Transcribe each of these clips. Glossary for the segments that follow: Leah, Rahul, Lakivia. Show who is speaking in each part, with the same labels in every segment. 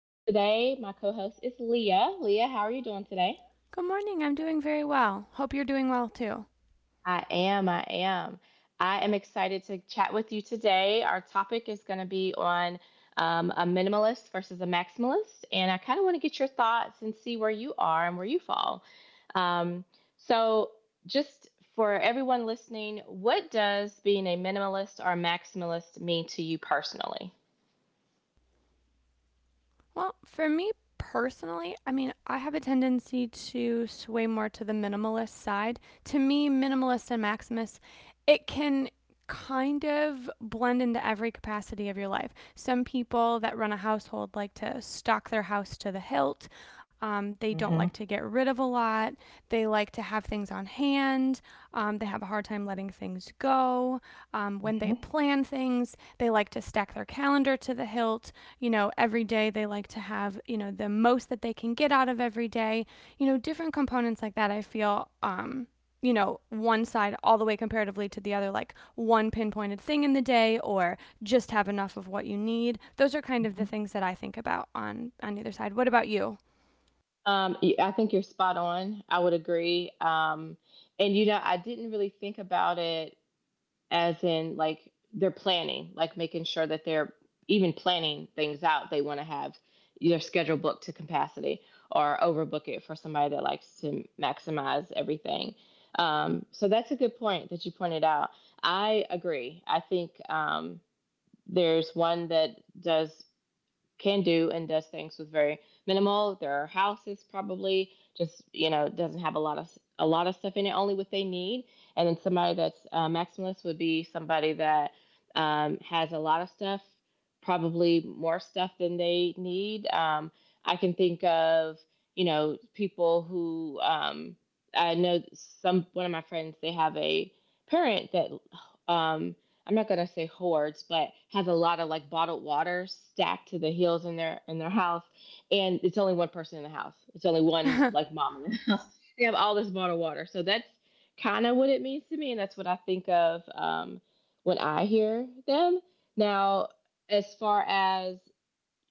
Speaker 1: and today my co host is Leah. Leah, how are you doing today?
Speaker 2: Good morning. I'm doing very well. Hope you're doing well too.
Speaker 1: I am. I am. I am excited to chat with you today. Our topic is going to be on a minimalist versus a maximalist, and I kind of want to get your thoughts and see where you are and where you fall. Um, so, just for everyone listening, what does being a minimalist or maximalist mean to you personally?
Speaker 2: Well, for me personally, I mean, I have a tendency to sway more to the minimalist side. To me, minimalist and maximalist, it can kind of blend into every capacity of your life. Some people that run a household like to stock their house to the hilt. They don't
Speaker 1: Mm-hmm.
Speaker 2: like to get rid of a lot. They like to have things on hand. They have a hard time letting things go. When
Speaker 1: Mm-hmm.
Speaker 2: they plan things, they like to stack their calendar to the hilt. You know, every day they like to have, you know, the most that they can get out of every day. You know, different components like that, I feel. You know, one side all the way comparatively to the other, like one pinpointed thing in the day, or just have enough of what you need. Those are kind of the things that I think about on either side. What about you?
Speaker 1: I think you're spot on. I would agree. And you know, I didn't really think about it as in like they're planning, like making sure that they're even planning things out. They want to have their schedule booked to capacity or overbook it for somebody that likes to maximize everything. So that's a good point that you pointed out. I agree. I think there's one that does can do and does things with very minimal. There are houses probably just you know doesn't have a lot of stuff in it, only what they need. And then somebody that's maximalist would be somebody that has a lot of stuff, probably more stuff than they need. I can think of you know people who I know some one of my friends they have a parent that um, I'm not gonna say hordes, but has a lot of like bottled water stacked to the hills in their house, and it's only one person in the house. It's only one like mom in the house. They have all this bottled water, so that's kind of what it means to me, and that's what I think of when I hear them. Now, as far as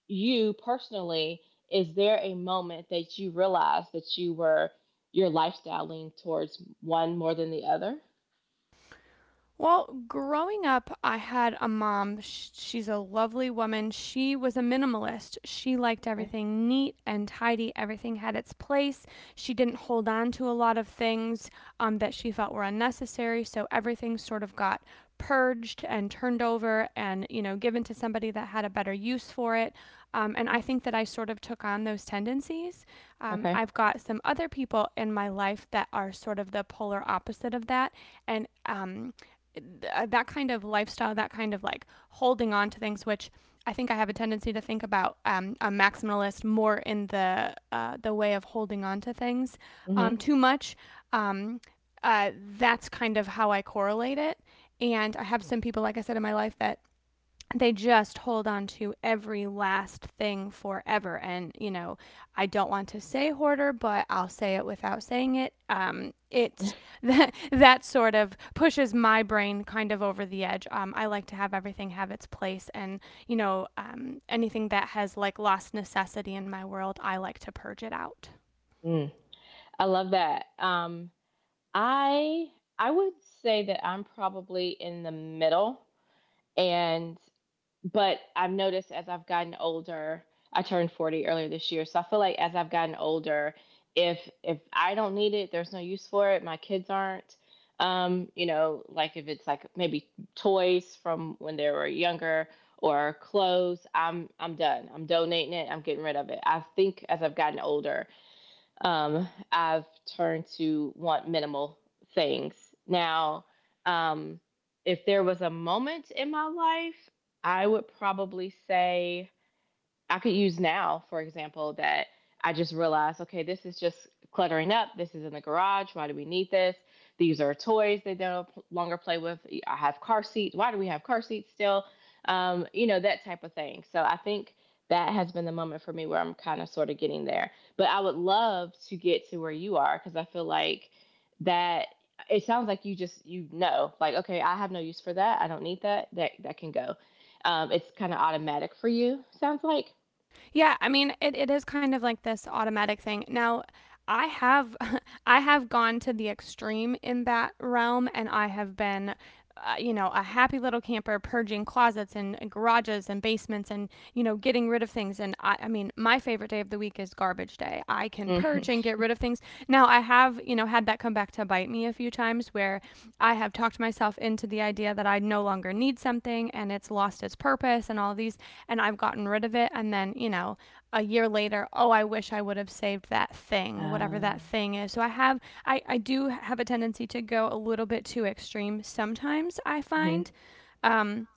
Speaker 1: you personally, is there a moment that you realized that your lifestyle leaned towards one more than the other?
Speaker 2: Well, growing up, I had a mom. She's a lovely woman. She was a minimalist. She liked
Speaker 1: Okay.
Speaker 2: everything neat and tidy. Everything had its place. She didn't hold on to a lot of things that she felt were unnecessary. So everything sort of got purged and turned over and, you know, given to somebody that had a better use for it. And I think that I sort of took on those tendencies. Um,
Speaker 1: Okay.
Speaker 2: I've got some other people in my life that are sort of the polar opposite of that. And that kind of lifestyle, that kind of like holding on to things, which I think I have a tendency to think about a maximalist more in the way of holding on to things
Speaker 1: Mhm.
Speaker 2: too much. Um, uh, that's kind of how I correlate it. And I have some people, like I said, in my life that they just hold on to every last thing forever. And, you know, I don't want to say hoarder, but I'll say it without saying it. It that sort of pushes my brain kind of over the edge. I like to have everything have its place. And, you know, anything that has like lost necessity in my world, I like to purge it out.
Speaker 1: I love that. I I would say that I'm probably in the middle, and but I've noticed as I've gotten older, I turned 40 earlier this year, so I feel like as I've gotten older, if if I don't need it, there's no use for it. My kids aren't, you know, like if it's like maybe toys from when they were younger or clothes, I'm done. I'm donating it. I'm getting rid of it. I think as I've gotten older, I've turned to want minimal things. Now, um, if there was a moment in my life, I would probably say I could use now, for example, that I just realized, okay, this is just cluttering up. This is in the garage. Why do we need this? These are toys they don't longer play with. I have car seats. Why do we have car seats still? You know, that type of thing. So I think that has been the moment for me where I'm kind of sort of getting there. But I would love to get to where you are because I feel like that it sounds like you just you know like okay I have no use for that I don't need that that can go it's kind of automatic for you sounds like.
Speaker 2: Yeah, I mean, it is kind of like this automatic thing. Now, I have I have gone to the extreme in that realm and I have been you know, a happy little camper purging closets and garages and basements and, you know, getting rid of things. And I mean, my favorite day of the week is garbage day. I can
Speaker 1: Mhm.
Speaker 2: purge and get rid of things. Now, I have, you know, had that come back to bite me a few times where I have talked myself into the idea that I no longer need something and it's lost its purpose and all of these, and I've gotten rid of it. And then, you know, a year later, oh, I wish I would have saved that thing, whatever
Speaker 1: Uh,
Speaker 2: that thing is. So I have, I do have a tendency to go a little bit too extreme sometimes, I
Speaker 1: Mhm.
Speaker 2: find. Um,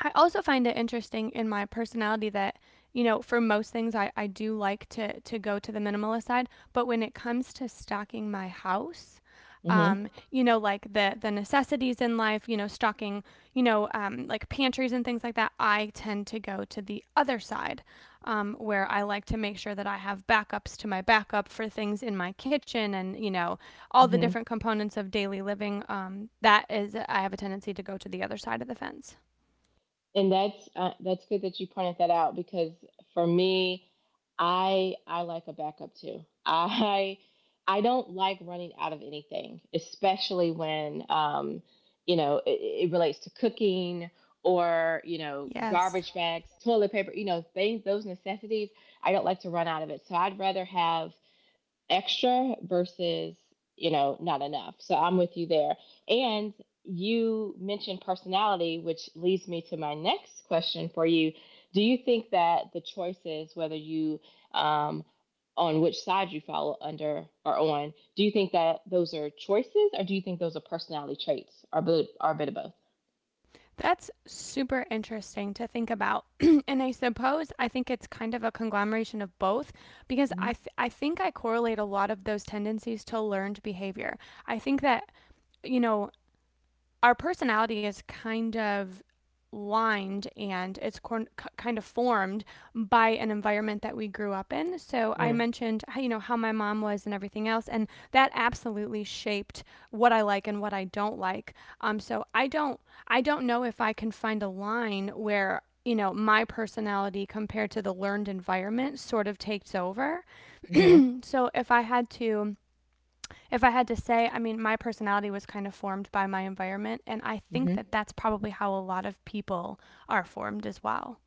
Speaker 2: I also find it interesting in my personality that, you know, for most things I do like to go to the minimalist side, but when it comes to stocking my house,
Speaker 1: Mhm.
Speaker 2: you know, like the necessities in life, you know, stocking, you know, like pantries and things like that, I tend to go to the other side, where I like to make sure that I have backups to my backup for things in my kitchen and you know all the
Speaker 1: Mhm.
Speaker 2: different components of daily living. That is, I have a tendency to go to the other side of the fence.
Speaker 1: And that's good that you pointed that out because for me, I like a backup too. I don't like running out of anything, especially when you know it relates to cooking or you know
Speaker 2: Yes.
Speaker 1: garbage bags, toilet paper, you know things those necessities. I don't like to run out of it, so I'd rather have extra versus you know not enough so I'm with you there and you mentioned personality which leads me to my next question for you. Do you think that the choices whether you um, on which side you follow under or on do you think that those are choices or do you think those are personality traits or a bit of both?
Speaker 2: That's super interesting to think about. And I suppose I think it's kind of a conglomeration of both because
Speaker 1: Mhm.
Speaker 2: I think I correlate a lot of those tendencies to learned behavior. I think that, you know, our personality is kind of lined and it's kind of formed by an environment that we grew up in. So I
Speaker 1: Mm-hmm.
Speaker 2: mentioned, how, you know, how my mom was and everything else, and that absolutely shaped what I like and what I don't like. So I don't know if I can find a line where you know my personality compared to the learned environment sort of takes over.
Speaker 1: Mm-hmm.
Speaker 2: So if I had to say, I mean, my personality was kind of formed by my environment, and I think that that's probably how a lot of people are formed as well.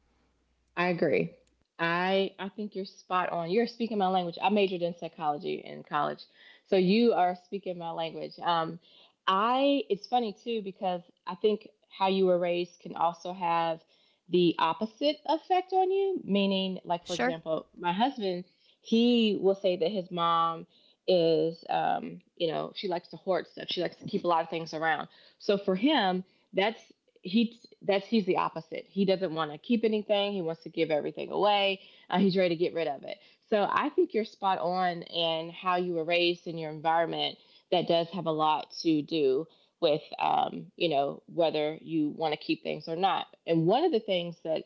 Speaker 1: I agree. I think you're spot on. You're speaking my language. I majored in psychology in college, so you are speaking my language. I It's funny too because I think how you were raised can also have the opposite effect on you. Meaning, like for
Speaker 2: Sure,
Speaker 1: example, my husband, he will say that his mom is, you know, she likes to hoard stuff. She likes to keep a lot of things around. So for him, that's that's he's the opposite. He doesn't want to keep anything. He wants to give everything away. He's ready to get rid of it. So I think you're spot on in how you were raised in your environment. That does have a lot to do with you know whether you want to keep things or not. And one of the things that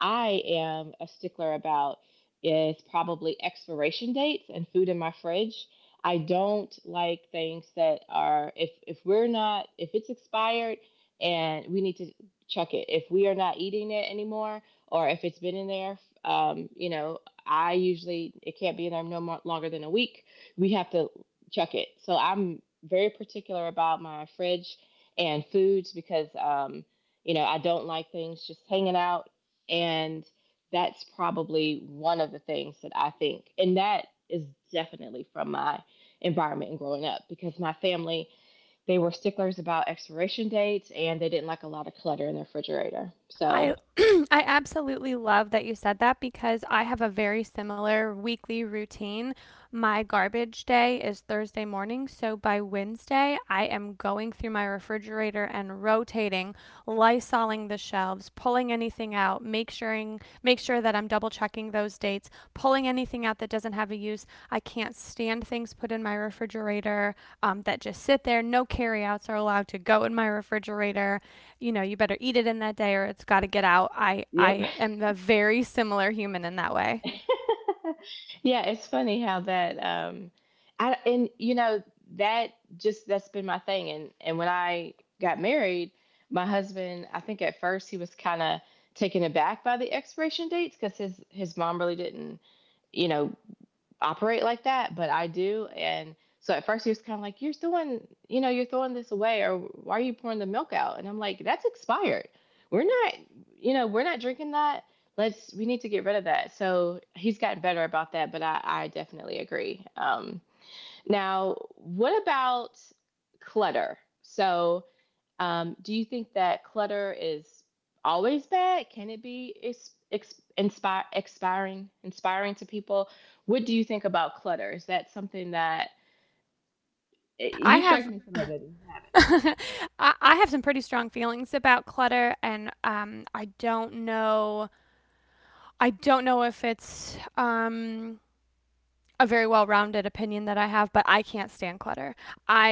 Speaker 1: I am a stickler about is probably expiration dates and food in my fridge. I don't like things that are if we're not if it's expired and we need to check it. If we are not eating it anymore, or if it's been in there, you know, I usually it can't be in there no more, longer than a week. We have to check it. So I'm very particular about my fridge and foods because you know I don't like things just hanging out, and that's probably one of the things that I think, and that is definitely from my environment and growing up because my family they were sticklers about expiration dates and they didn't like a lot of clutter in the refrigerator. So,
Speaker 2: I I absolutely love that you said that because I have a very similar weekly routine. My garbage day is Thursday morning, so by Wednesday I am going through my refrigerator and rotating, lysoling the shelves, pulling anything out, make sure that I'm double checking those dates, pulling anything out that doesn't have a use. I can't stand things put in my refrigerator that just sit there. No carryouts are allowed to go in my refrigerator. You know, you better eat it in that day or it's got to get out. I
Speaker 1: yep.
Speaker 2: I am a very similar human in that way.
Speaker 1: Yeah, it's funny how that I and you know that just that's been my thing and when I got married, my husband, I think at first he was kind of taken aback by the expiration dates cuz his mom really didn't, you know, operate like that, but I do. And so at first he was kind of like, "You're throwing, you know, you're throwing this away, or why are you pouring the milk out?" And I'm like, "That's expired. We're not, you know, we're not drinking that. Let's, we need to get rid of that." So he's gotten better about that, but I definitely agree. Now, what about clutter? So, do you think that clutter is always bad? Can it be expiring, inspiring to people? What do you think about clutter? Is that something that eh,
Speaker 2: I
Speaker 1: you strike
Speaker 2: have
Speaker 1: me as somebody that doesn't have
Speaker 2: I, I have some pretty strong feelings about clutter, and I don't know. I don't know if it's a very well-rounded opinion that I have, but I can't stand clutter.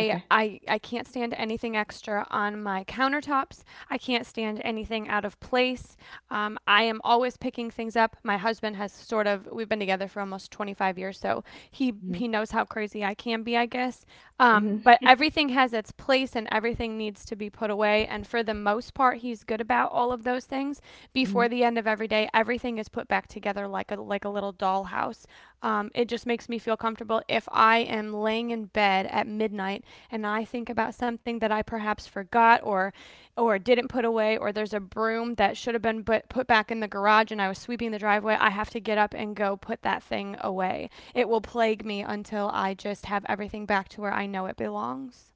Speaker 1: it? Okay.
Speaker 2: I I can't stand anything extra on my countertops. I can't stand anything out of place. I am always picking things up. My husband has sort of we've been together for almost 25 years, so he
Speaker 1: Mm-hmm.
Speaker 2: he knows how crazy I can be, I guess. But
Speaker 1: Mm-hmm.
Speaker 2: everything has its place and everything needs to be put away. And for the most part, he's good about all of those things
Speaker 1: Hmm.
Speaker 2: before the end of every day. Everything is put back together like a little dollhouse. It just makes me feel comfortable. If I am laying in bed at midnight and I think about something that I perhaps forgot or didn't put away, or there's a broom that should have been put back in the garage and I was sweeping the driveway, I have to get up and go put that thing away. It will plague me until I just have everything back to where I know it belongs.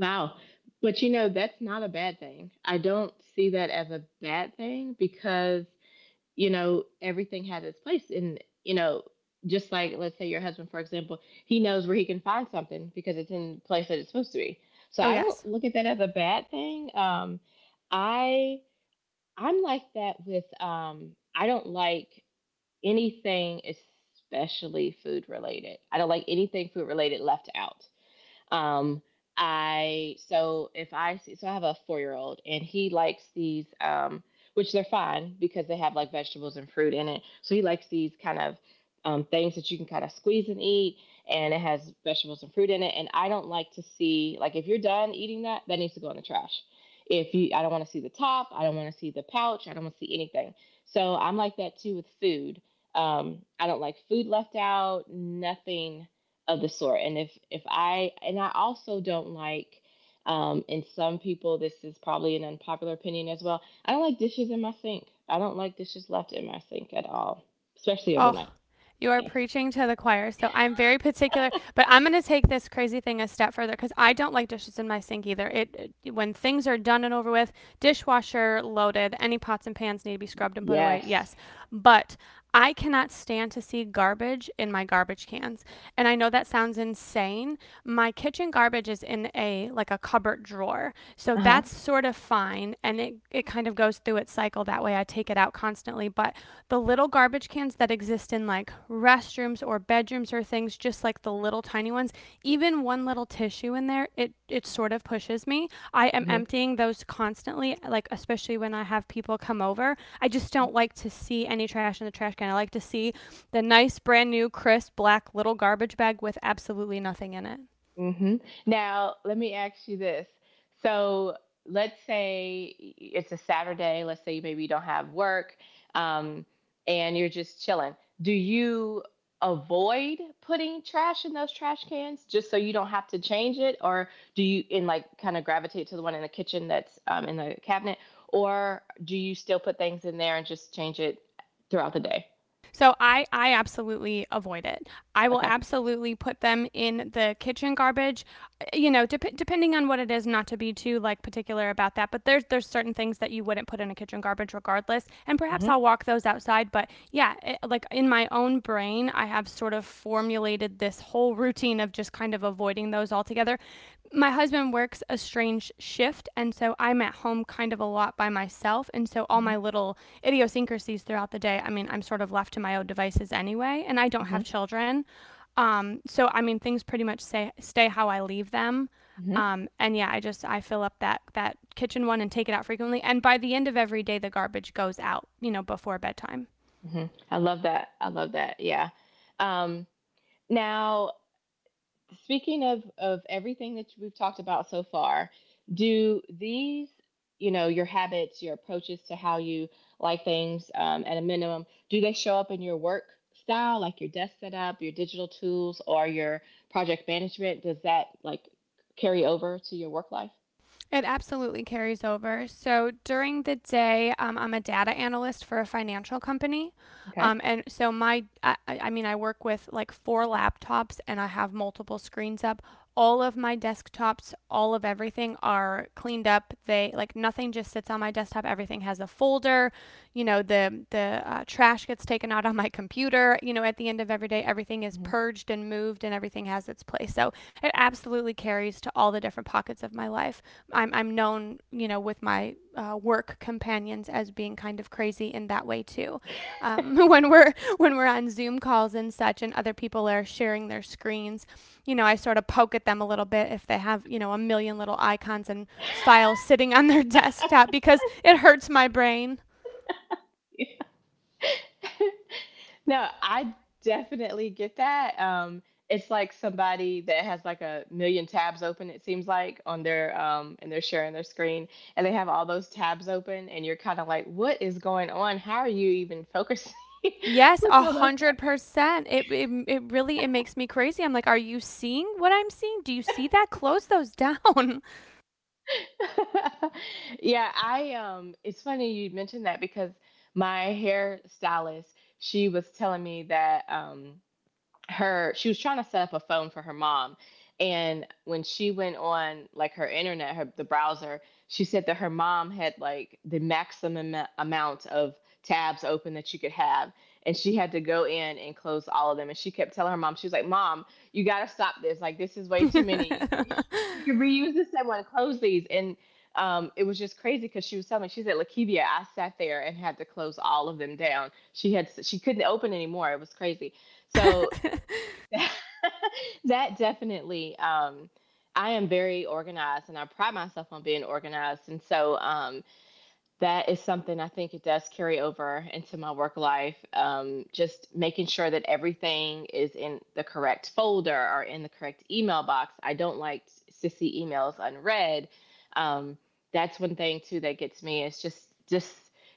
Speaker 1: Wow. But you know, that's not a bad thing. I don't see that as a bad thing because you know, everything has its place. And, you know, just like, let's say your husband, for example, he knows where he can find something because it's in the place that it's supposed to be. So
Speaker 2: Oh
Speaker 1: I don't
Speaker 2: yes.
Speaker 1: look at that as a bad thing. I, I'm like that with, I don't like anything, especially food related. I don't like anything food related left out. Um, I So if I see so I have a 4 year old and he likes these which they're fine because they have like vegetables and fruit in it. So he likes these kind of things that you can kind of squeeze and eat, and it has vegetables and fruit in it. And I don't like to see like if you're done eating that, that needs to go in the trash. If you, I don't want to see the top, I don't want to see the pouch, I don't want to see anything. So I'm like that too with food. I don't like food left out, nothing of the sort. And if I also don't like and some people this is probably an unpopular opinion as well. I don't like dishes in my sink. I don't like dishes left in my sink at all, especially
Speaker 2: Oh,
Speaker 1: overnight.
Speaker 2: you are
Speaker 1: Yeah.
Speaker 2: preaching to the choir. So I'm very particular, but I'm going to take this crazy thing a step further because I don't like dishes in my sink either. When things are done and over with, dishwasher loaded, any pots and pans need to be scrubbed and put away.
Speaker 1: Yes.
Speaker 2: Yes, but I cannot stand to see garbage in my garbage cans. And I know that sounds insane. My kitchen garbage is in a like a cupboard drawer. So
Speaker 1: Uh-huh.
Speaker 2: that's sort of fine and it kind of goes through its cycle that way. I take it out constantly, but the little garbage cans that exist in like restrooms or bedrooms or things, just like the little tiny ones, even one little tissue in there, it sort of pushes me. I am
Speaker 1: Mhm.
Speaker 2: emptying those constantly, like especially when I have people come over. I just don't like to see any trash in the trash can. I like to see the nice brand new crisp black little garbage bag with absolutely nothing in it.
Speaker 1: Hmm. Now, let me ask you this. So, let's say it's a Saturday. Let's say maybe you don't have work, um, and you're just chilling. Do you avoid putting trash in those trash cans just so you don't have to change it, or do you in like kind of gravitate to the one in the kitchen that's in the cabinet, or do you still put things in there and just change it throughout the day?
Speaker 2: So I absolutely avoid it. I will
Speaker 1: Okay.
Speaker 2: absolutely put them in the kitchen garbage. You know, depending on what it is, not to be too like particular about that, but there's certain things that you wouldn't put in a kitchen garbage regardless, and perhaps
Speaker 1: Mm-hmm.
Speaker 2: I'll walk those outside, but yeah, it, like in my own brain, I have sort of formulated this whole routine of just kind of avoiding those altogether. My husband works a strange shift, and so I'm at home kind of a lot by myself. And so all
Speaker 1: Mm-hmm.
Speaker 2: my little idiosyncrasies throughout the day, I mean, I'm sort of left to my own devices anyway, and I don't have children. So I mean, things pretty much stay how I leave them.
Speaker 1: Mm-hmm.
Speaker 2: And yeah, I fill up that kitchen one and take it out frequently. And by the end of every day, the garbage goes out, you know, before bedtime.
Speaker 1: Hmm. I love that. I love that. Yeah. Um, now, speaking of everything that we've talked about so far, do these, you know, your habits, your approaches to how you like things, at a minimum, do they show up in your work style, like your desk setup, your digital tools, or your project management? Does that like carry over to your work life?
Speaker 2: It absolutely carries over. So during the day, I'm a data analyst for a financial company.
Speaker 1: Okay.
Speaker 2: And so my, I mean, I work with like four laptops and I have multiple screens up. All of my desktops, all of everything are cleaned up. They like nothing just sits on my desktop. Everything has a folder. The trash gets taken out on my computer. You know, at the end of every day, everything is purged and moved and everything has its place. So it absolutely carries to all the different pockets of my life. I'm known, with my work companions as being kind of crazy in that way too. When we're on Zoom calls and such, and other people are sharing their screens, you know, I sort of poke at them a little bit if they have, you know, a million little icons and files sitting on their desktop because it hurts my brain.
Speaker 1: No, I definitely get that. It's like somebody that has like a million tabs open, it seems like, on their and they're sharing their screen and they have all those tabs open and you're kind of like, what is going on? How are you even focusing
Speaker 2: Yes,
Speaker 1: with
Speaker 2: a
Speaker 1: all those
Speaker 2: hundred
Speaker 1: tabs
Speaker 2: percent. It really it makes me crazy. I'm like, are you seeing what I'm seeing? Do you see that? Close those down.
Speaker 1: open? Yeah, I it's funny you mentioned that because my hairstylist, she was telling me that her she was trying to set up a phone for her mom, and when she went on like her internet her the browser, she said that her mom had like the maximum amount of tabs open that you could have, and she had to go in and close all of them. And she kept telling her mom, she was like, mom, you got to stop this, like this is way too many. You can reuse this same one, close these. And it was just crazy because she was telling me, she said, Lakivia, I sat there and had to close all of them down. She couldn't open anymore. It was crazy. So that definitely I am very organized and I pride myself on being organized, and so that is something I think it does carry over into my work life. Just making sure that everything is in the correct folder or in the correct email box. I don't like to see emails unread. Um, that's one thing too that gets me. It's just just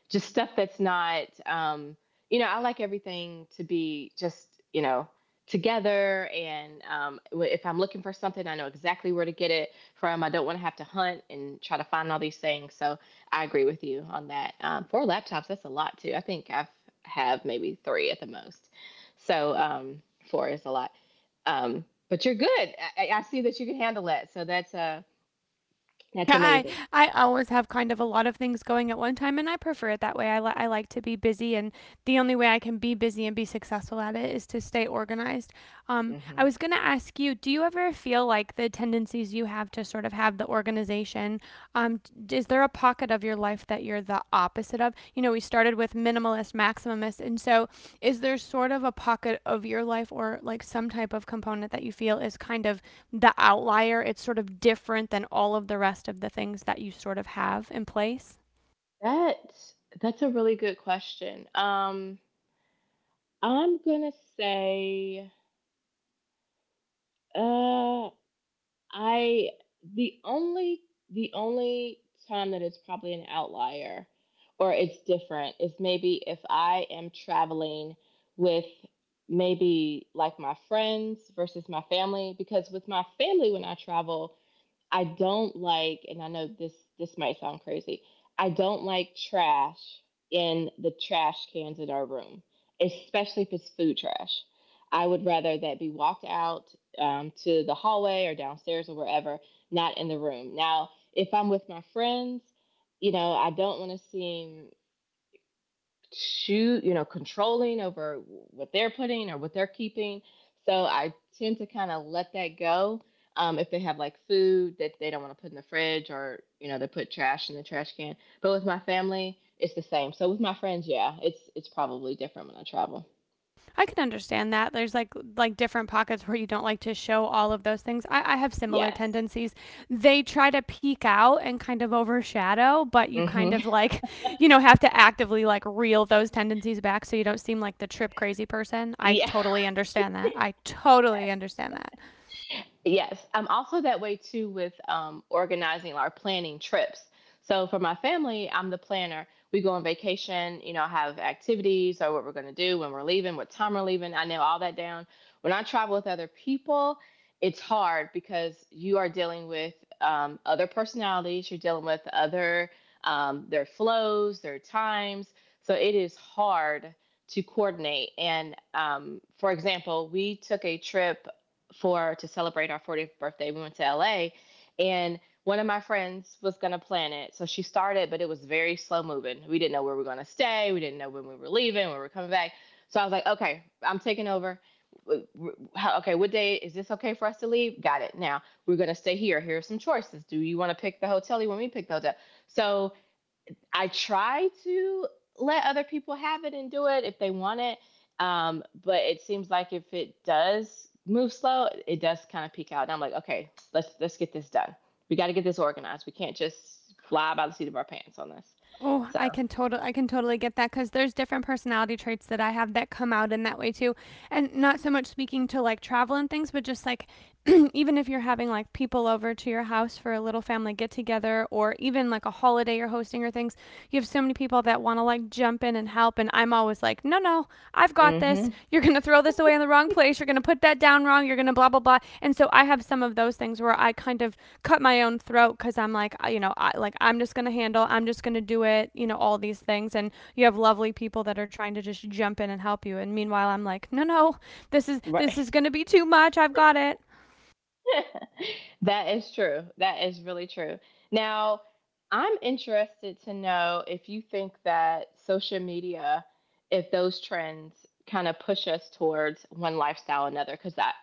Speaker 1: just stuff that's not. You know, I like everything to be just, you know, together. And if I'm looking for something, I know exactly where to get it from. I don't want to have to hunt and try to find all these things. So I agree with you on that. Four laptops, that's a lot too. I think I've have maybe three at the most. So four is a lot. But you're good. I see that you can handle it. So that's
Speaker 2: I
Speaker 1: amazing.
Speaker 2: I always have kind of a lot of things going at one time, and I prefer it that way. I like to be busy, and the only way I can be busy and be successful at it is to stay organized. I
Speaker 1: Hmm
Speaker 2: was going to ask you, do you ever feel like the tendencies you have to sort of have the organization? Um, is there a pocket of your life that you're the opposite of? You know, we started with minimalist, maximalist, and so is there sort of a pocket of your life or like some type of component that you feel is kind of the outlier? It's sort of different than all of the rest of the things that you sort of have in place?
Speaker 1: That that's a really good question. I'm gonna say uh I the only the only time that it's probably an outlier or it's different is maybe if I am traveling with maybe like my friends versus my family. Because with my family when I travel, I don't like, and I know this might sound crazy, I don't like trash in the trash cans in our room, especially if it's food trash. I would rather that be walked out, to the hallway or downstairs or wherever, not in the room. Now, if I'm with my friends, you know, I don't want to seem, shoot, you know, controlling over what they're putting or what they're keeping. So I tend to kind of let that go. If they have like food that they don't want to put in the fridge, or, you know, they put trash in the trash can. But with my family, it's the same. So with my friends, yeah, it's probably different when I travel.
Speaker 2: I can understand that. There's like different pockets where you don't like to show all of those things. I have similar
Speaker 1: Yes.
Speaker 2: tendencies. They try to peek out and kind of overshadow, but you kind
Speaker 1: hmm
Speaker 2: of like, you know, have to actively like reel those tendencies back so you don't seem like the trip crazy person. I
Speaker 1: Yeah.
Speaker 2: totally understand that. I totally understand that.
Speaker 1: Yes, I'm also that way too with organizing or planning trips. So for my family, I'm the planner. We go on vacation, you know, have activities or what we're going to do, when we're leaving, what time we're leaving. I nail all that down. When I travel with other people, it's hard because you are dealing with other personalities, you're dealing with other their flows, their times. So it is hard to coordinate. And for example, we took a trip for to celebrate our 40th birthday. We went to LA, and one of my friends was going to plan it. So she started, but it was very slow moving. We didn't know where we were going to stay. We didn't know when we were leaving, when we were coming back. So I was like, okay, I'm taking over. Okay, what day is this okay for us to leave? Got it. Now we're going to stay here. Here are some choices. Do you want to pick the hotel? You want me to pick the hotel? So I try to let other people have it and do it if they want it. But it seems like if it does move slow, it does kind of peak out. And I'm like, okay, let's get this done. We got to get this organized. We can't just fly by the seat of our pants on this.
Speaker 2: Oh,
Speaker 1: So,
Speaker 2: I can totally get that cuz there's different personality traits that I have that come out in that way too. And not so much speaking to like travel and things, but just like even if you're having like people over to your house for a little family get together or even like a holiday you're hosting or things, you have so many people that want to like jump in and help and I'm always like, "No, no. I've got this.
Speaker 1: mm-hmm.
Speaker 2: You're going to throw this away in the wrong place. You're going to put that down wrong. You're going to blah, blah, blah." And so I have some of those things where I kind of cut my own throat because I'm like, you know, I'm just going to handle, I'm just going to do it, you know, all these things. And you have lovely people that are trying to just jump in and help you. And meanwhile, I'm like, no, no, this
Speaker 1: Right.
Speaker 2: is going to be too much. I've got it.
Speaker 1: That is true. That is really true. Now, I'm interested to know if you think that social media, if those trends kind of push us towards one lifestyle or another, because that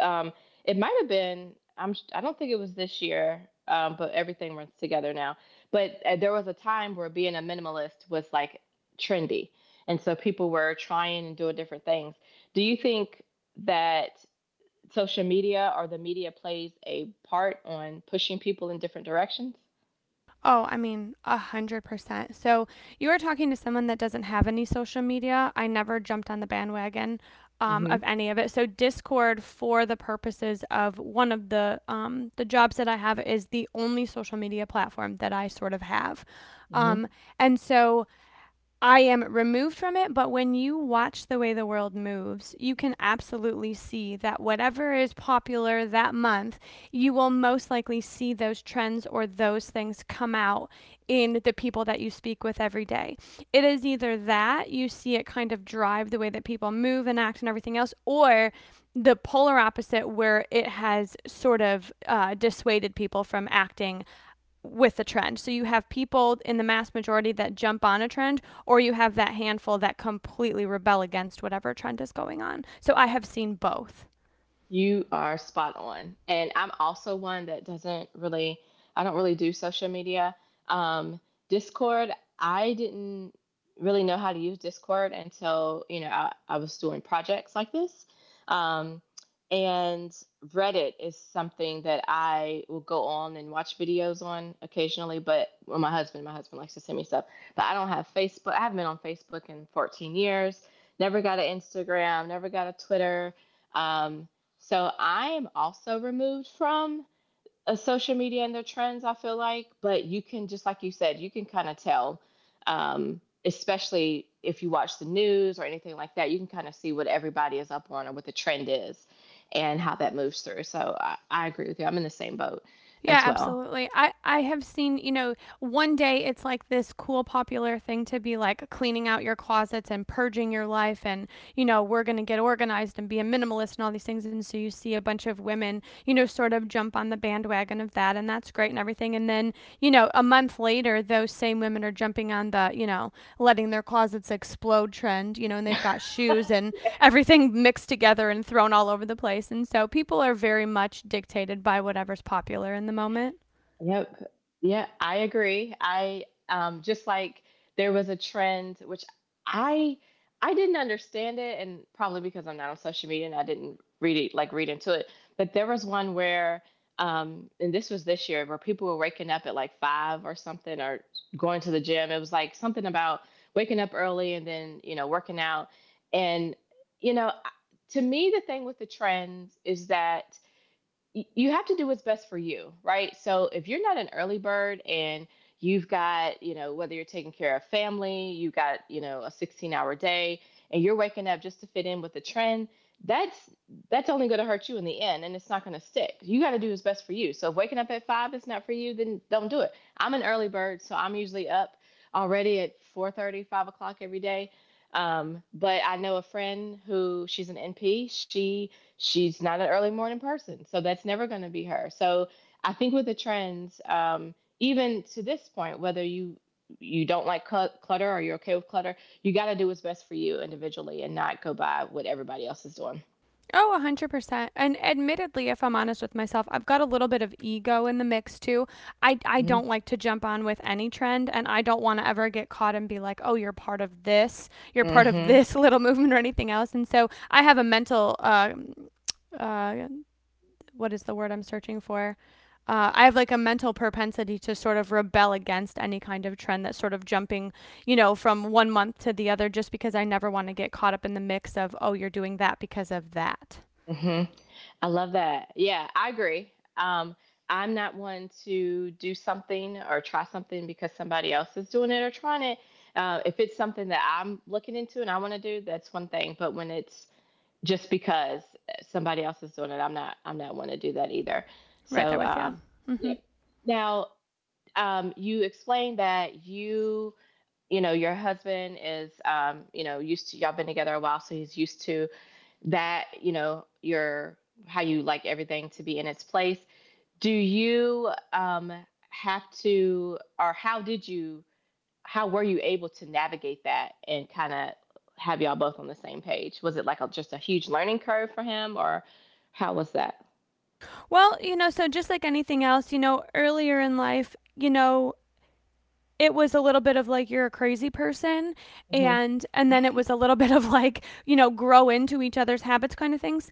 Speaker 1: um, it might have been. I am, I do not think it was this year, but everything runs together now. But there was a time where being a minimalist was like trendy, and so people were trying and doing different things. Do you think that social media or the media plays a part on pushing people in different directions?
Speaker 2: Oh, I mean, 100%. So you are talking to someone that doesn't have any social media. I never jumped on the bandwagon
Speaker 1: Mm-hmm.
Speaker 2: of any of it. So Discord, for the purposes of one of the jobs that I have, is the only social media platform that I sort of have.
Speaker 1: Mm-hmm.
Speaker 2: Um, and so I am removed from it, but when you watch the way the world moves, you can absolutely see that whatever is popular that month, you will most likely see those trends or those things come out in the people that you speak with every day. It is either that you see it kind of drive the way that people move and act and everything else, or the polar opposite where it has sort of dissuaded people from acting with a trend. So you have people in the mass majority that jump on a trend, or you have that handful that completely rebel against whatever trend is going on. So I have seen both.
Speaker 1: You are spot on. And I'm also one that doesn't really, I don't really do social media. Um, Discord, I didn't really know how to use Discord until, you know, I was doing projects like this. Um, and Reddit is something that I will go on and watch videos on occasionally, but well, my husband likes to send me stuff. But I don't have Facebook. I haven't been on Facebook in 14 years. Never got an Instagram, never got a Twitter. Um, so I am also removed from social media and their trends, I feel like. But you can, just like you said, you can kind of tell, especially if you watch the news or anything like that, you can kind of see what everybody is up on or what the trend is and how that moves through. So I agree with you. I'm in the same boat
Speaker 2: Yeah,
Speaker 1: as well.
Speaker 2: absolutely. I have seen, you know, one day it's like this cool popular thing to be like cleaning out your closets and purging your life and you know we're going to get organized and be a minimalist and all these things, and so you see a bunch of women, you know, sort of jump on the bandwagon of that, and that's great and everything. And then you know a month later those same women are jumping on the, you know, letting their closets explode trend, you know, and they've got shoes and everything mixed together and thrown all over the place. And so people are very much dictated by whatever's popular in the moment.
Speaker 1: Yep. Yeah, I agree. I just like there was a trend which I I didn't understand it, and probably because I'm not on social media and I didn't read into it. But there was one where and this was this year where people were waking up at like 5 or something, or going to the gym. It was like something about waking up early and then, you know, working out. And you know, to me the thing with the trends is that you have to do what's best for you, right? So if you're not an early bird and you've got, you know, whether you're taking care of family, you have got, you know, a 16-hour day, and you're waking up just to fit in with the trend, that's that's only going to hurt you in the end, and it's not going to stick. You got to do what's best for you. So if waking up at 5 is not for you, then don't do it. I'm an early bird, so I'm usually up already at 4:30, 5 o'clock every day. But I know a friend who she's an NP. She's not an early morning person. So that's never going to be her. So I think with the trends, even to this point, whether you don't like clutter or you're okay with clutter, you got to do what's best for you individually and not go by what everybody else is doing.
Speaker 2: Oh, 100%. And admittedly, if I'm honest with myself, I've got a little bit of ego in the mix too. I
Speaker 1: Mm-hmm.
Speaker 2: don't like to jump on with any trend, and I don't want to ever get caught and be like, oh, you're part of this, you're part of
Speaker 1: Mm-hmm.
Speaker 2: this little movement or anything else. And so I have a mental, uh, what is the word I'm searching for? I have like a mental propensity to sort of rebel against any kind of trend that's sort of jumping, you know, from one month to the other just because I never want to get caught up in the mix of, oh, you're doing that because of that.
Speaker 1: Mm-hmm. I love that. Yeah, I agree. I'm not one to do something or try something because somebody else is doing it or trying it. If it's something that I'm looking into and I want to do, that's one thing. But when it's just because somebody else is doing it, I'm not one to do that either.
Speaker 2: Right there
Speaker 1: So
Speaker 2: with you. Hmm.
Speaker 1: yeah. Now you explained that you know your husband is you know used to, y'all been together a while so he's used to that, you know, your how you like everything to be in its place. Do you have to, or how did you, how were you able to navigate that and kind of have y'all both on the same page? Was it like a, just a huge learning curve for him, or how was that?
Speaker 2: Well, you know, so just like anything else, you know, earlier in life, you know, it was a little bit of like you're a crazy person,
Speaker 1: Mm-hmm.
Speaker 2: and then it was a little bit of like, you know, grow into each other's habits kind of things.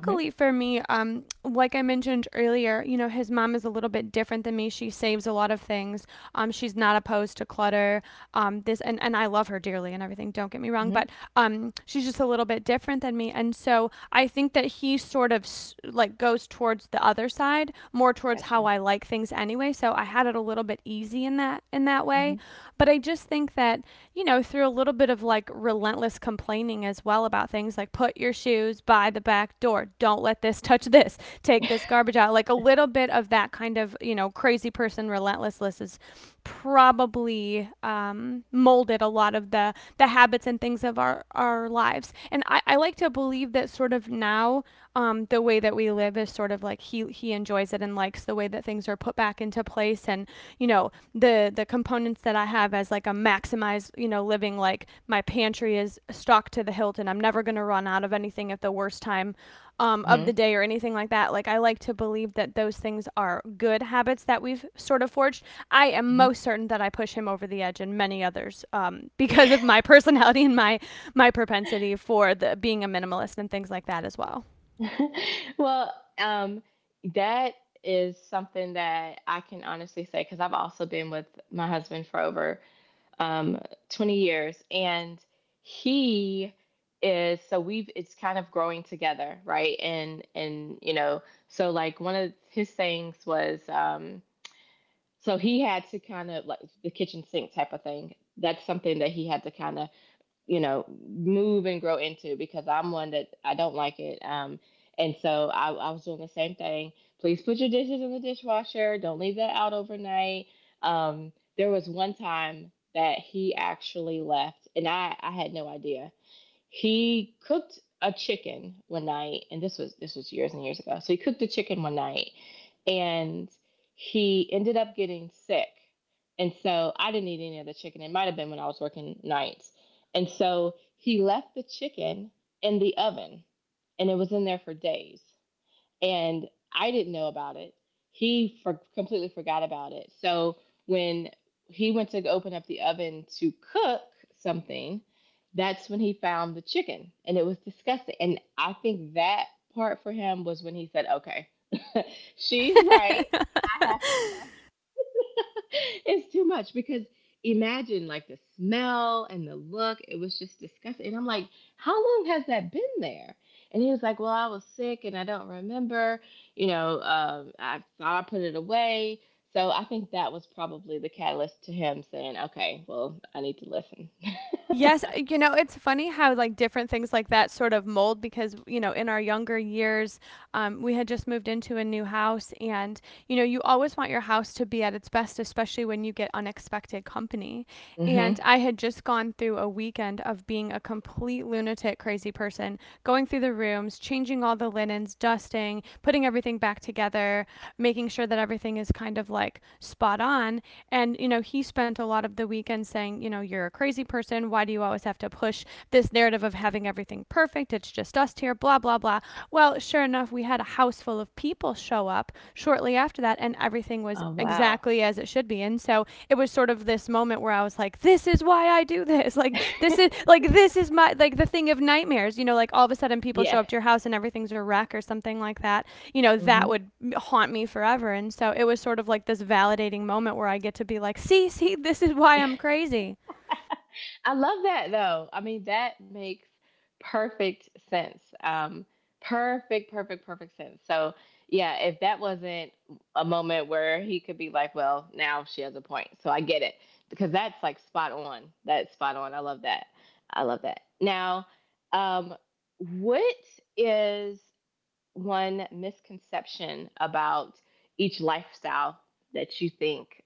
Speaker 1: Mm-hmm.
Speaker 2: for me, like I mentioned earlier, you know, his mom is a little bit different than me. She saves a lot of things. She's not opposed to clutter. This And I love her dearly and everything, don't get me wrong,
Speaker 1: Mm-hmm.
Speaker 2: but she's just a little bit different than me. And so I think that he sort of like goes towards the other side, more towards how
Speaker 1: Gotcha.
Speaker 2: I like things anyway. So I had it a little bit easy in that
Speaker 1: Mm-hmm.
Speaker 2: way. But I just think that, you know, through a little bit of like relentless complaining as well about things like put your shoes by the back door, don't let this touch this, take this garbage out, like a little bit of that kind of, you know, crazy person relentlessness is probably molded a lot of the habits and things of our lives. And I like to believe that sort of now the way that we live is sort of like healing enjoys it and likes the way that things are put back into place. And you know the components that I have as like a maximized, you know, living, like my pantry is stocked to the hilt and I'm never going to run out of anything at the worst time of
Speaker 1: Mm-hmm.
Speaker 2: the day or anything like that. Like I like to believe that those things are good habits that we've sort of forged. I am most certain that I push him over the edge and many others, because of my personality and my propensity for the being a minimalist and things like that as well.
Speaker 1: Mm-hmm. Well, um, that is something that I can honestly say because I've also been with my husband for over um, 20 years. And he is, so we've it's kind of growing together, right? And you know, so like one of his things was so he had to kind of like the kitchen sink type of thing. That's something that he had to kind of move and grow into because I'm one that I don't like it. And so I was doing the same thing. Please put your dishes in the dishwasher, don't leave that out overnight. There was one time that he actually left and I had no idea. He cooked a chicken one night, and this was years and years ago, so he cooked a chicken one night and he ended up getting sick. And so I didn't eat any of the chicken. It might have been when I was working nights. And so he left the chicken in the oven, and it was in there for days, and I didn't know about it. He completely forgot about it. So when he went to open up the oven to cook something, that's when he found the chicken, and it was disgusting. And I think that part for him was when he said, okay, she's right. I have to stop. It's too much because imagine like the smell and the look. It was just disgusting. And I'm like, how long has that been there? And he was like, well, I was sick and I don't remember. I thought I put it away. So I think that was probably the catalyst to him saying, okay, well, I need to listen.
Speaker 2: Yes, you know, it's funny how like different things like that sort of mold because, you know, in our younger years, we had just moved into a new house, and, you know, you always want your house to be at its best, especially when you get unexpected company.
Speaker 1: Hmm.
Speaker 2: And I had just gone through a weekend of being a complete lunatic, crazy person, going through the rooms, changing all the linens, dusting, putting everything back together, making sure that everything is kind of like spot on. And, you know, he spent a lot of the weekend saying, you know, you're a crazy person. Why do you always have to push this narrative of having everything perfect? It's just us here, blah, blah, blah. Well, sure enough, we had a house full of people show up shortly after that, and everything
Speaker 1: Oh,
Speaker 2: was
Speaker 1: wow.
Speaker 2: exactly as it should be. And so it was sort of this moment where I was like, this is why I do this. Like, this is my, like, the thing of nightmares, you know, like all of a sudden people show up
Speaker 1: Yes.
Speaker 2: to your house and everything's a wreck or something like that, you know,
Speaker 1: Hmm.
Speaker 2: that would haunt me forever. And so it was sort of like this validating moment where I get to be like, see, see, this is why I'm crazy.
Speaker 1: I love that though. I mean, that makes perfect sense. Perfect, perfect, perfect sense. So, yeah, if that wasn't a moment where he could be like, well, now she has a point. So I get it, because that's like spot on. That's spot on. I love that. I love that. Now, um, what is one misconception about each lifestyle that you think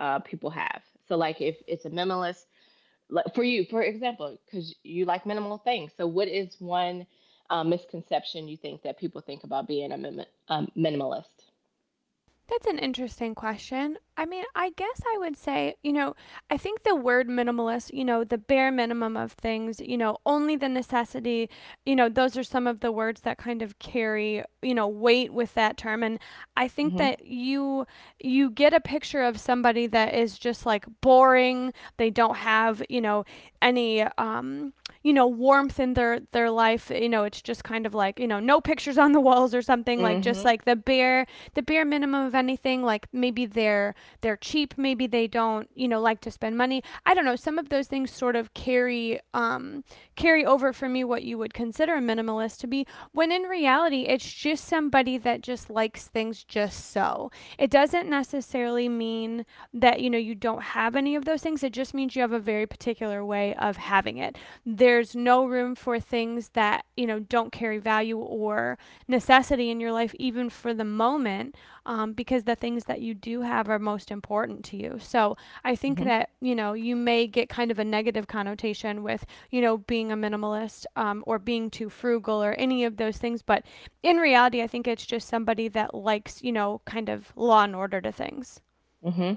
Speaker 1: people have? So, like, if it's a minimalist, like for you, for example, because you like minimal things. So, what is one misconception you think that people think about being a minimalist?
Speaker 2: That's an interesting question. I mean, I guess I would say, you know, I think the word minimalist, you know, the bare minimum of things, you know, only the necessity, you know, those are some of the words that kind of carry, you know, weight with that term. And I think
Speaker 1: Hmm.
Speaker 2: that you get a picture of somebody that is just like boring. They don't have, you know, any you know, warmth in their life. You know, it's just kind of like, you know, no pictures on the walls or something, like just
Speaker 1: Hmm.
Speaker 2: like the bare minimum of anything. Like maybe they're cheap, maybe they don't, you know, like to spend money. I don't know, some of those things sort of carry over for me what you would consider a minimalist to be, when in reality it's just somebody that just likes things just so. It doesn't necessarily mean that, you know, you don't have any of those things. It just means you have a very particular way of having it. There's no room for things that, you know, don't carry value or necessity in your life, even for the moment, because the things that you do have are most important to you. So I think
Speaker 1: Hmm.
Speaker 2: that, you know, you may get kind of a negative connotation with, you know, being a minimalist or being too frugal or any of those things. But in reality, I think it's just somebody that likes, you know, kind of law and order to things.
Speaker 1: Hmm.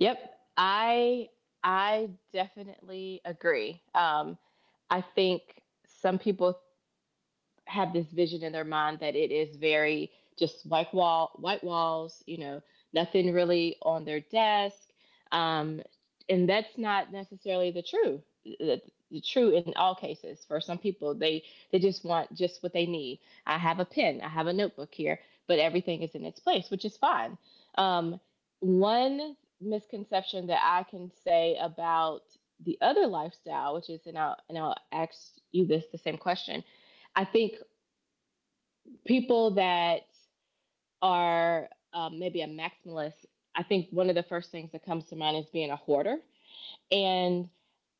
Speaker 1: Yep, I I definitely agree. I think some people have this vision in their mind that it is very just white walls, you know, nothing really on their desk. Um, and that's not necessarily the true in all cases. For some people, they just want just what they need. I have a pen, I have a notebook here, but everything is in its place, which is fine. Um, One misconception that I can say about the other lifestyle, which is, and I'll ask you this the same question. I think people that are maybe a maximalist, I think one of the first things that comes to mind is being a hoarder. And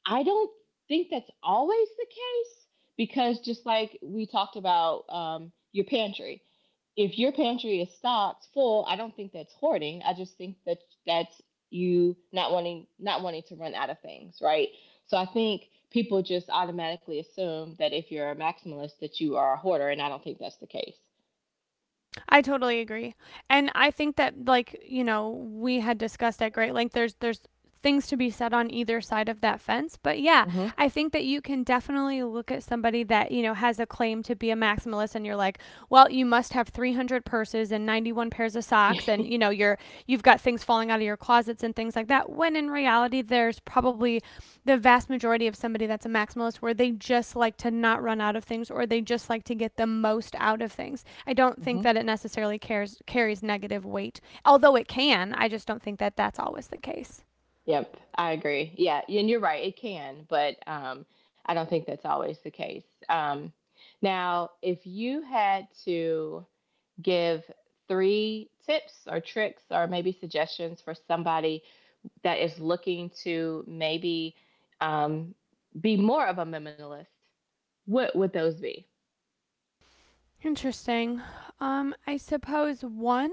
Speaker 1: I don't think that's always the case because just like we talked about, your pantry, if your pantry is stocked full, I don't think that's hoarding. I just think that that's you not wanting to run out of things, right? So I think people just automatically assume that if you're a maximalist that you are a hoarder, and I don't think that's the case.
Speaker 2: I totally agree. And I think that, like, you know, we had discussed at great length, there's things to be said on either side of that fence. But yeah,
Speaker 1: Mm-hmm.
Speaker 2: I think that you can definitely look at somebody that, you know, has a claim to be a maximalist and you're like, well, you must have 300 purses and 91 pairs of socks and, you know, you're you're you've got things falling out of your closets and things like that, when in reality there's probably the vast majority of somebody that's a maximalist where they just like to not run out of things, or they just like to get the most out of things. I don't think
Speaker 1: Hmm.
Speaker 2: that it necessarily cares carries negative weight. Although it can, I just don't think that that's always the case.
Speaker 1: Yep, I agree. Yeah, and you're right, it can, but I don't think that's always the case. Now, if you had to give three tips or tricks or maybe suggestions for somebody that is looking to maybe um, be more of a minimalist, what would those be?
Speaker 2: Interesting. I suppose one,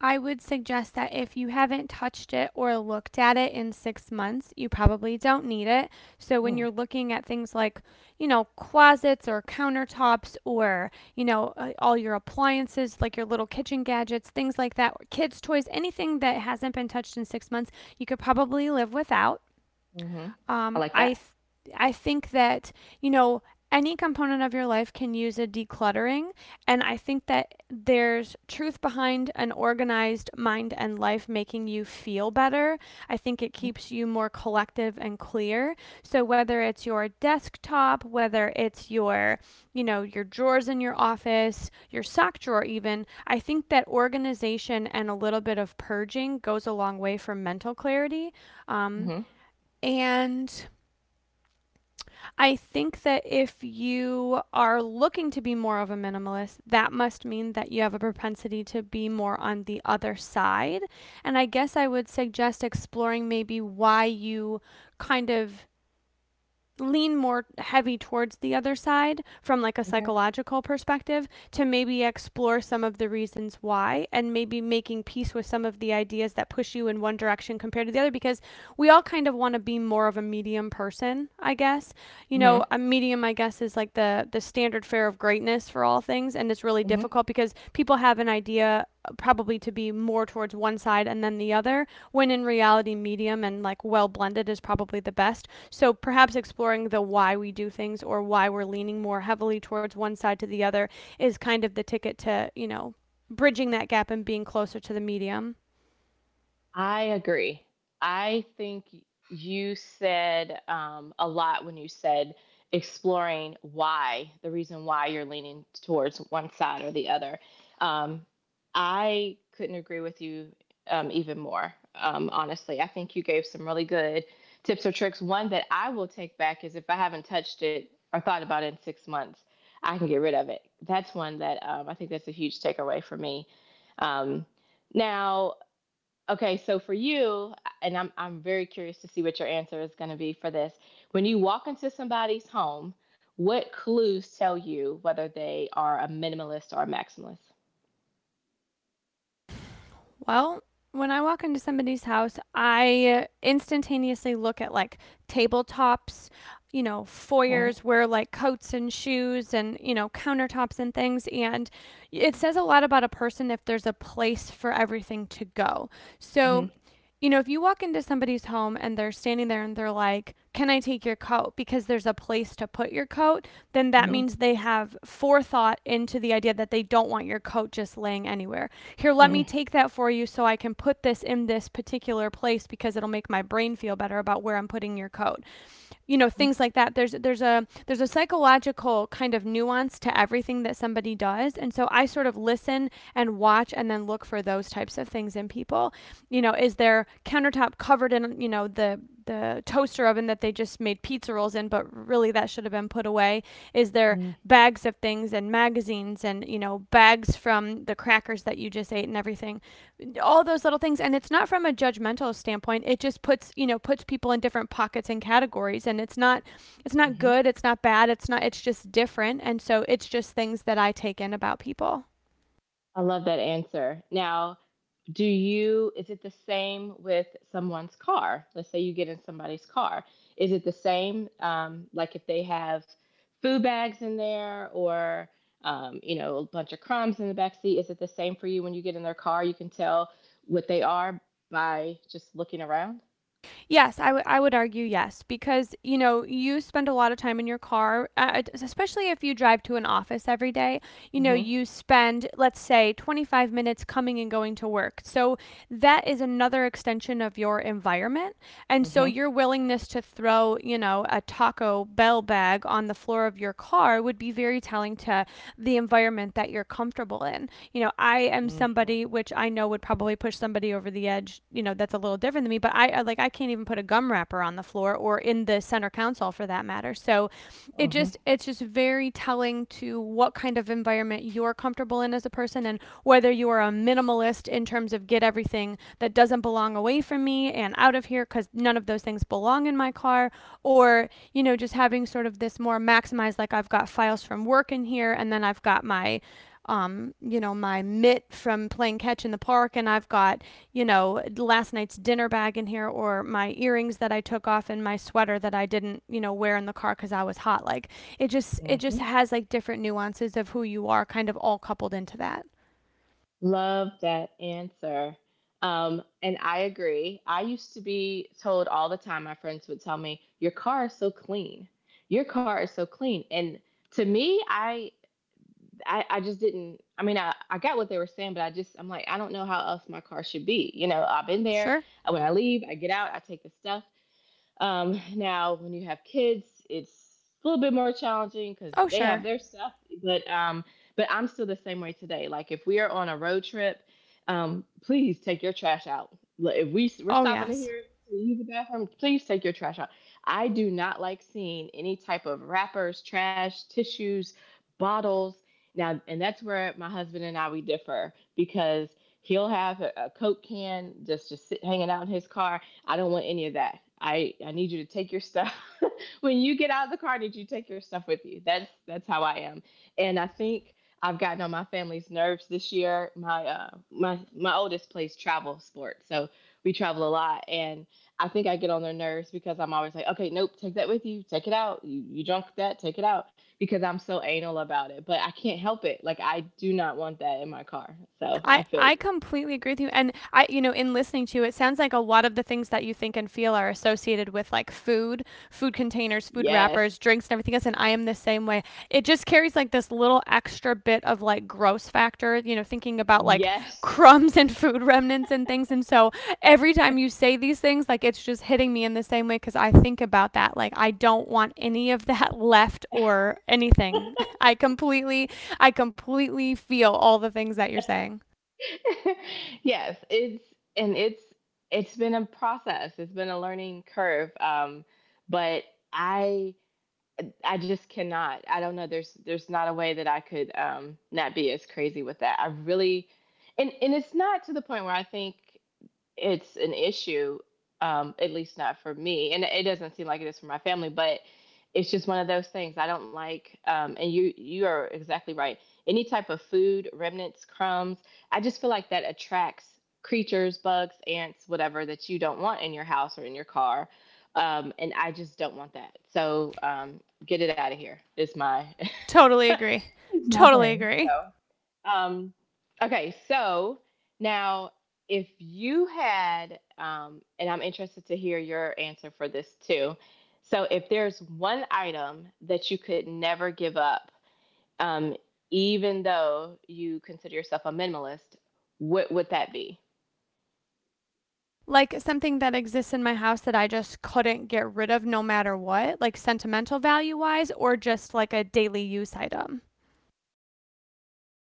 Speaker 2: I would suggest that if you haven't touched it or looked at it in six months, you probably don't need it. So when
Speaker 1: Mm.
Speaker 2: you're looking at things like, you know, closets or countertops or, you know, all your appliances, like your little kitchen gadgets, things like that, or kids' toys, anything that hasn't been touched in six months, you could probably live without.
Speaker 1: Hmm. I
Speaker 2: Um,
Speaker 1: like
Speaker 2: I
Speaker 1: that.
Speaker 2: th- I think that, you know, any component of your life can use a decluttering, and I think that there's truth behind an organized mind and life making you feel better. I think it keeps you more collective and clear. So whether it's your desktop, whether it's your your drawers in your office, your sock drawer even, I think that organization and a little bit of purging goes a long way for mental clarity. Um,
Speaker 1: Mm-hmm.
Speaker 2: and I think that if you are looking to be more of a minimalist, that must mean that you have a propensity to be more on the other side. And I guess I would suggest exploring maybe why you kind of lean more heavy towards the other side from, like, a
Speaker 1: Okay.
Speaker 2: psychological perspective, to maybe explore some of the reasons why, and maybe making peace with some of the ideas that push you in one direction compared to the other, because we all kind of want to be more of a medium person, I guess. You
Speaker 1: Mm-hmm.
Speaker 2: know, a medium, I guess, is like the standard fare of greatness for all things, and it's really
Speaker 1: Mm-hmm.
Speaker 2: difficult because people have an idea probably to be more towards one side and then the other, when in reality, medium and like well blended is probably the best. So perhaps exploring the why we do things, or why we're leaning more heavily towards one side to the other, is kind of the ticket to, you know, bridging that gap and being closer to the medium.
Speaker 1: I agree. I think y- you said a lot when you said exploring why, the reason why you're leaning towards one side or the other. Um, I couldn't agree with you even more, honestly. I think you gave some really good tips or tricks. One that I will take back is if I haven't touched it or thought about it in 6 months, I can get rid of it. That's one that, I think that's a huge takeaway for me. Um, Now, okay, so for you, and I'm very curious to see what your answer is going to be for this. When you walk into somebody's home, what clues tell you whether they are a minimalist or a maximalist?
Speaker 2: Well, when I walk into somebody's house, I instantaneously look at like tabletops, you know,
Speaker 1: Okay.
Speaker 2: foyers where like coats and shoes and, you know, countertops and things. And it says a lot about a person if there's a place for everything to go. So,
Speaker 1: Mhm.
Speaker 2: you know, if you walk into somebody's home and they're standing there and they're like, can I take your coat? Because there's a place to put your coat, then that
Speaker 1: Mhm.
Speaker 2: means they have forethought into the idea that they don't want your coat just laying anywhere. Here, let me
Speaker 1: Mhm.
Speaker 2: take that for you, so I can put this in this particular place because it'll make my brain feel better about where I'm putting your coat. You know, things like that. There's a psychological kind of nuance to everything that somebody does, and so I sort of listen and watch and then look for those types of things in people. You know, is their countertop covered in, you know, the toaster oven that they just made pizza rolls in, but really that should have been put away? Is their
Speaker 1: Mhm.
Speaker 2: bags of things and magazines and, you know, bags from the crackers that you just ate and everything. All those little things. And it's not from a judgmental standpoint. It just puts, you know, puts people in different pockets and categories. And it's not
Speaker 1: Mhm.
Speaker 2: good, it's not bad, It's not, it's just different. And so it's just things that I take in about people.
Speaker 1: I love that answer. Now, do you, is it the same with someone's car? Let's say you get in somebody's car. Is it the same, like if they have food bags in there, or you know, a bunch of crumbs in the back seat? Is it the same for you when you get in their car? You can tell what they are by just looking around?
Speaker 2: Yes, I would argue yes, because you know you spend a lot of time in your car, especially if you drive to an office every day. You know,
Speaker 1: Mm-hmm.
Speaker 2: you spend, let's say, 25 minutes coming and going to work. So that is another extension of your environment. And so
Speaker 1: Mm-hmm.
Speaker 2: your willingness to throw, you know, a Taco Bell bag on the floor of your car would be very telling to the environment that you're comfortable in. You know, I am
Speaker 1: Mm-hmm.
Speaker 2: somebody which I know would probably push somebody over the edge, you know, that's a little different than me, but I, like, I can't even put a gum wrapper on the floor or in the center console for that matter. So it
Speaker 1: Mm-hmm.
Speaker 2: just, it's just very telling to what kind of environment you're comfortable in as a person, and whether you are a minimalist in terms of, get everything that doesn't belong away from me and out of here, because none of those things belong in my car. Or, you know, just having sort of this more maximized, like, I've got files from work in here, and then I've got my you know, my mitt from playing catch in the park, and I've got, you know, last night's dinner bag in here, or my earrings that I took off, and my sweater that I didn't, you know, wear in the car because I was hot. Like, it just, it
Speaker 1: Mm-hmm.
Speaker 2: just has like different nuances of who you are kind of all coupled into that.
Speaker 1: Love that answer. And I agree. I used to be told all the time, my friends would tell me, your car is so clean. Your car is so clean. And to me, I, just didn't, I mean I got what they were saying, but I just, I'm like, I don't know how else my car should be. You know, I've been there.
Speaker 2: Sure.
Speaker 1: When I leave, I get out, I take the stuff. Now, when you have kids, it's a little bit more challenging because
Speaker 2: Oh,
Speaker 1: they have
Speaker 2: sure.
Speaker 1: their stuff. But um, but I'm still the same way today. Like if we are on a road trip, please take your trash out. If we're
Speaker 2: Oh,
Speaker 1: stopping in
Speaker 2: yes.
Speaker 1: here to use the bathroom, please take your trash out. I do not like seeing any type of wrappers, trash, tissues, bottles. Now, and that's where my husband and I we differ because he'll have a Coke can just sit, hanging out in his car. I don't want any of that. I need you to take your stuff. When you get out of the car, I need you to take your stuff with you. That's how I am. And I think I've gotten on my family's nerves this year. My my oldest plays travel sports, so we travel a lot, and I think I get on their nerves because I'm always like, okay, nope, take that with you, take it out. You drunk that, take it out, because I'm so anal about it. But I can't help it. Like I do not want that in my car. So I feel
Speaker 2: I
Speaker 1: you.
Speaker 2: completely agree with you. And I, you know, in listening to you, it sounds like a lot of the things that you think and feel are associated with, like, food, food containers, food
Speaker 1: Yes.
Speaker 2: wrappers, drinks, and everything else. And I am the same way. It just carries like this little extra bit of like gross factor, you know, thinking about like
Speaker 1: Yes.
Speaker 2: crumbs and food remnants and things. And so every time
Speaker 1: Yes.
Speaker 2: you say these things, like, it's just hitting me in the same way because I think about that. Like, I don't want any of that left or anything. I completely, I completely feel all the things that you're saying.
Speaker 1: Yes, it's and it's it's been a process. It's been a learning curve. But I I just cannot. I don't know. There's not a way that I could not be as crazy with that. I really, and it's not to the point where I think it's an issue, at least not for me, and it doesn't seem like it is for my family. But it's just one of those things I don't like. And you are exactly right. Any type of food, remnants, crumbs, I just feel like that attracts creatures, bugs, ants, whatever, that you don't want in your house or in your car. And I just don't want that. So get it out of here. Is my
Speaker 2: Totally agree. Totally agree.
Speaker 1: So, um, okay, so now if you had, and I'm interested to hear your answer for this too. So if there's one item that you could never give up, um, even though you consider yourself a minimalist, what would that be?
Speaker 2: Like something that exists in my house that I just couldn't get rid of no matter what, like sentimental value wise, or just like a daily use item.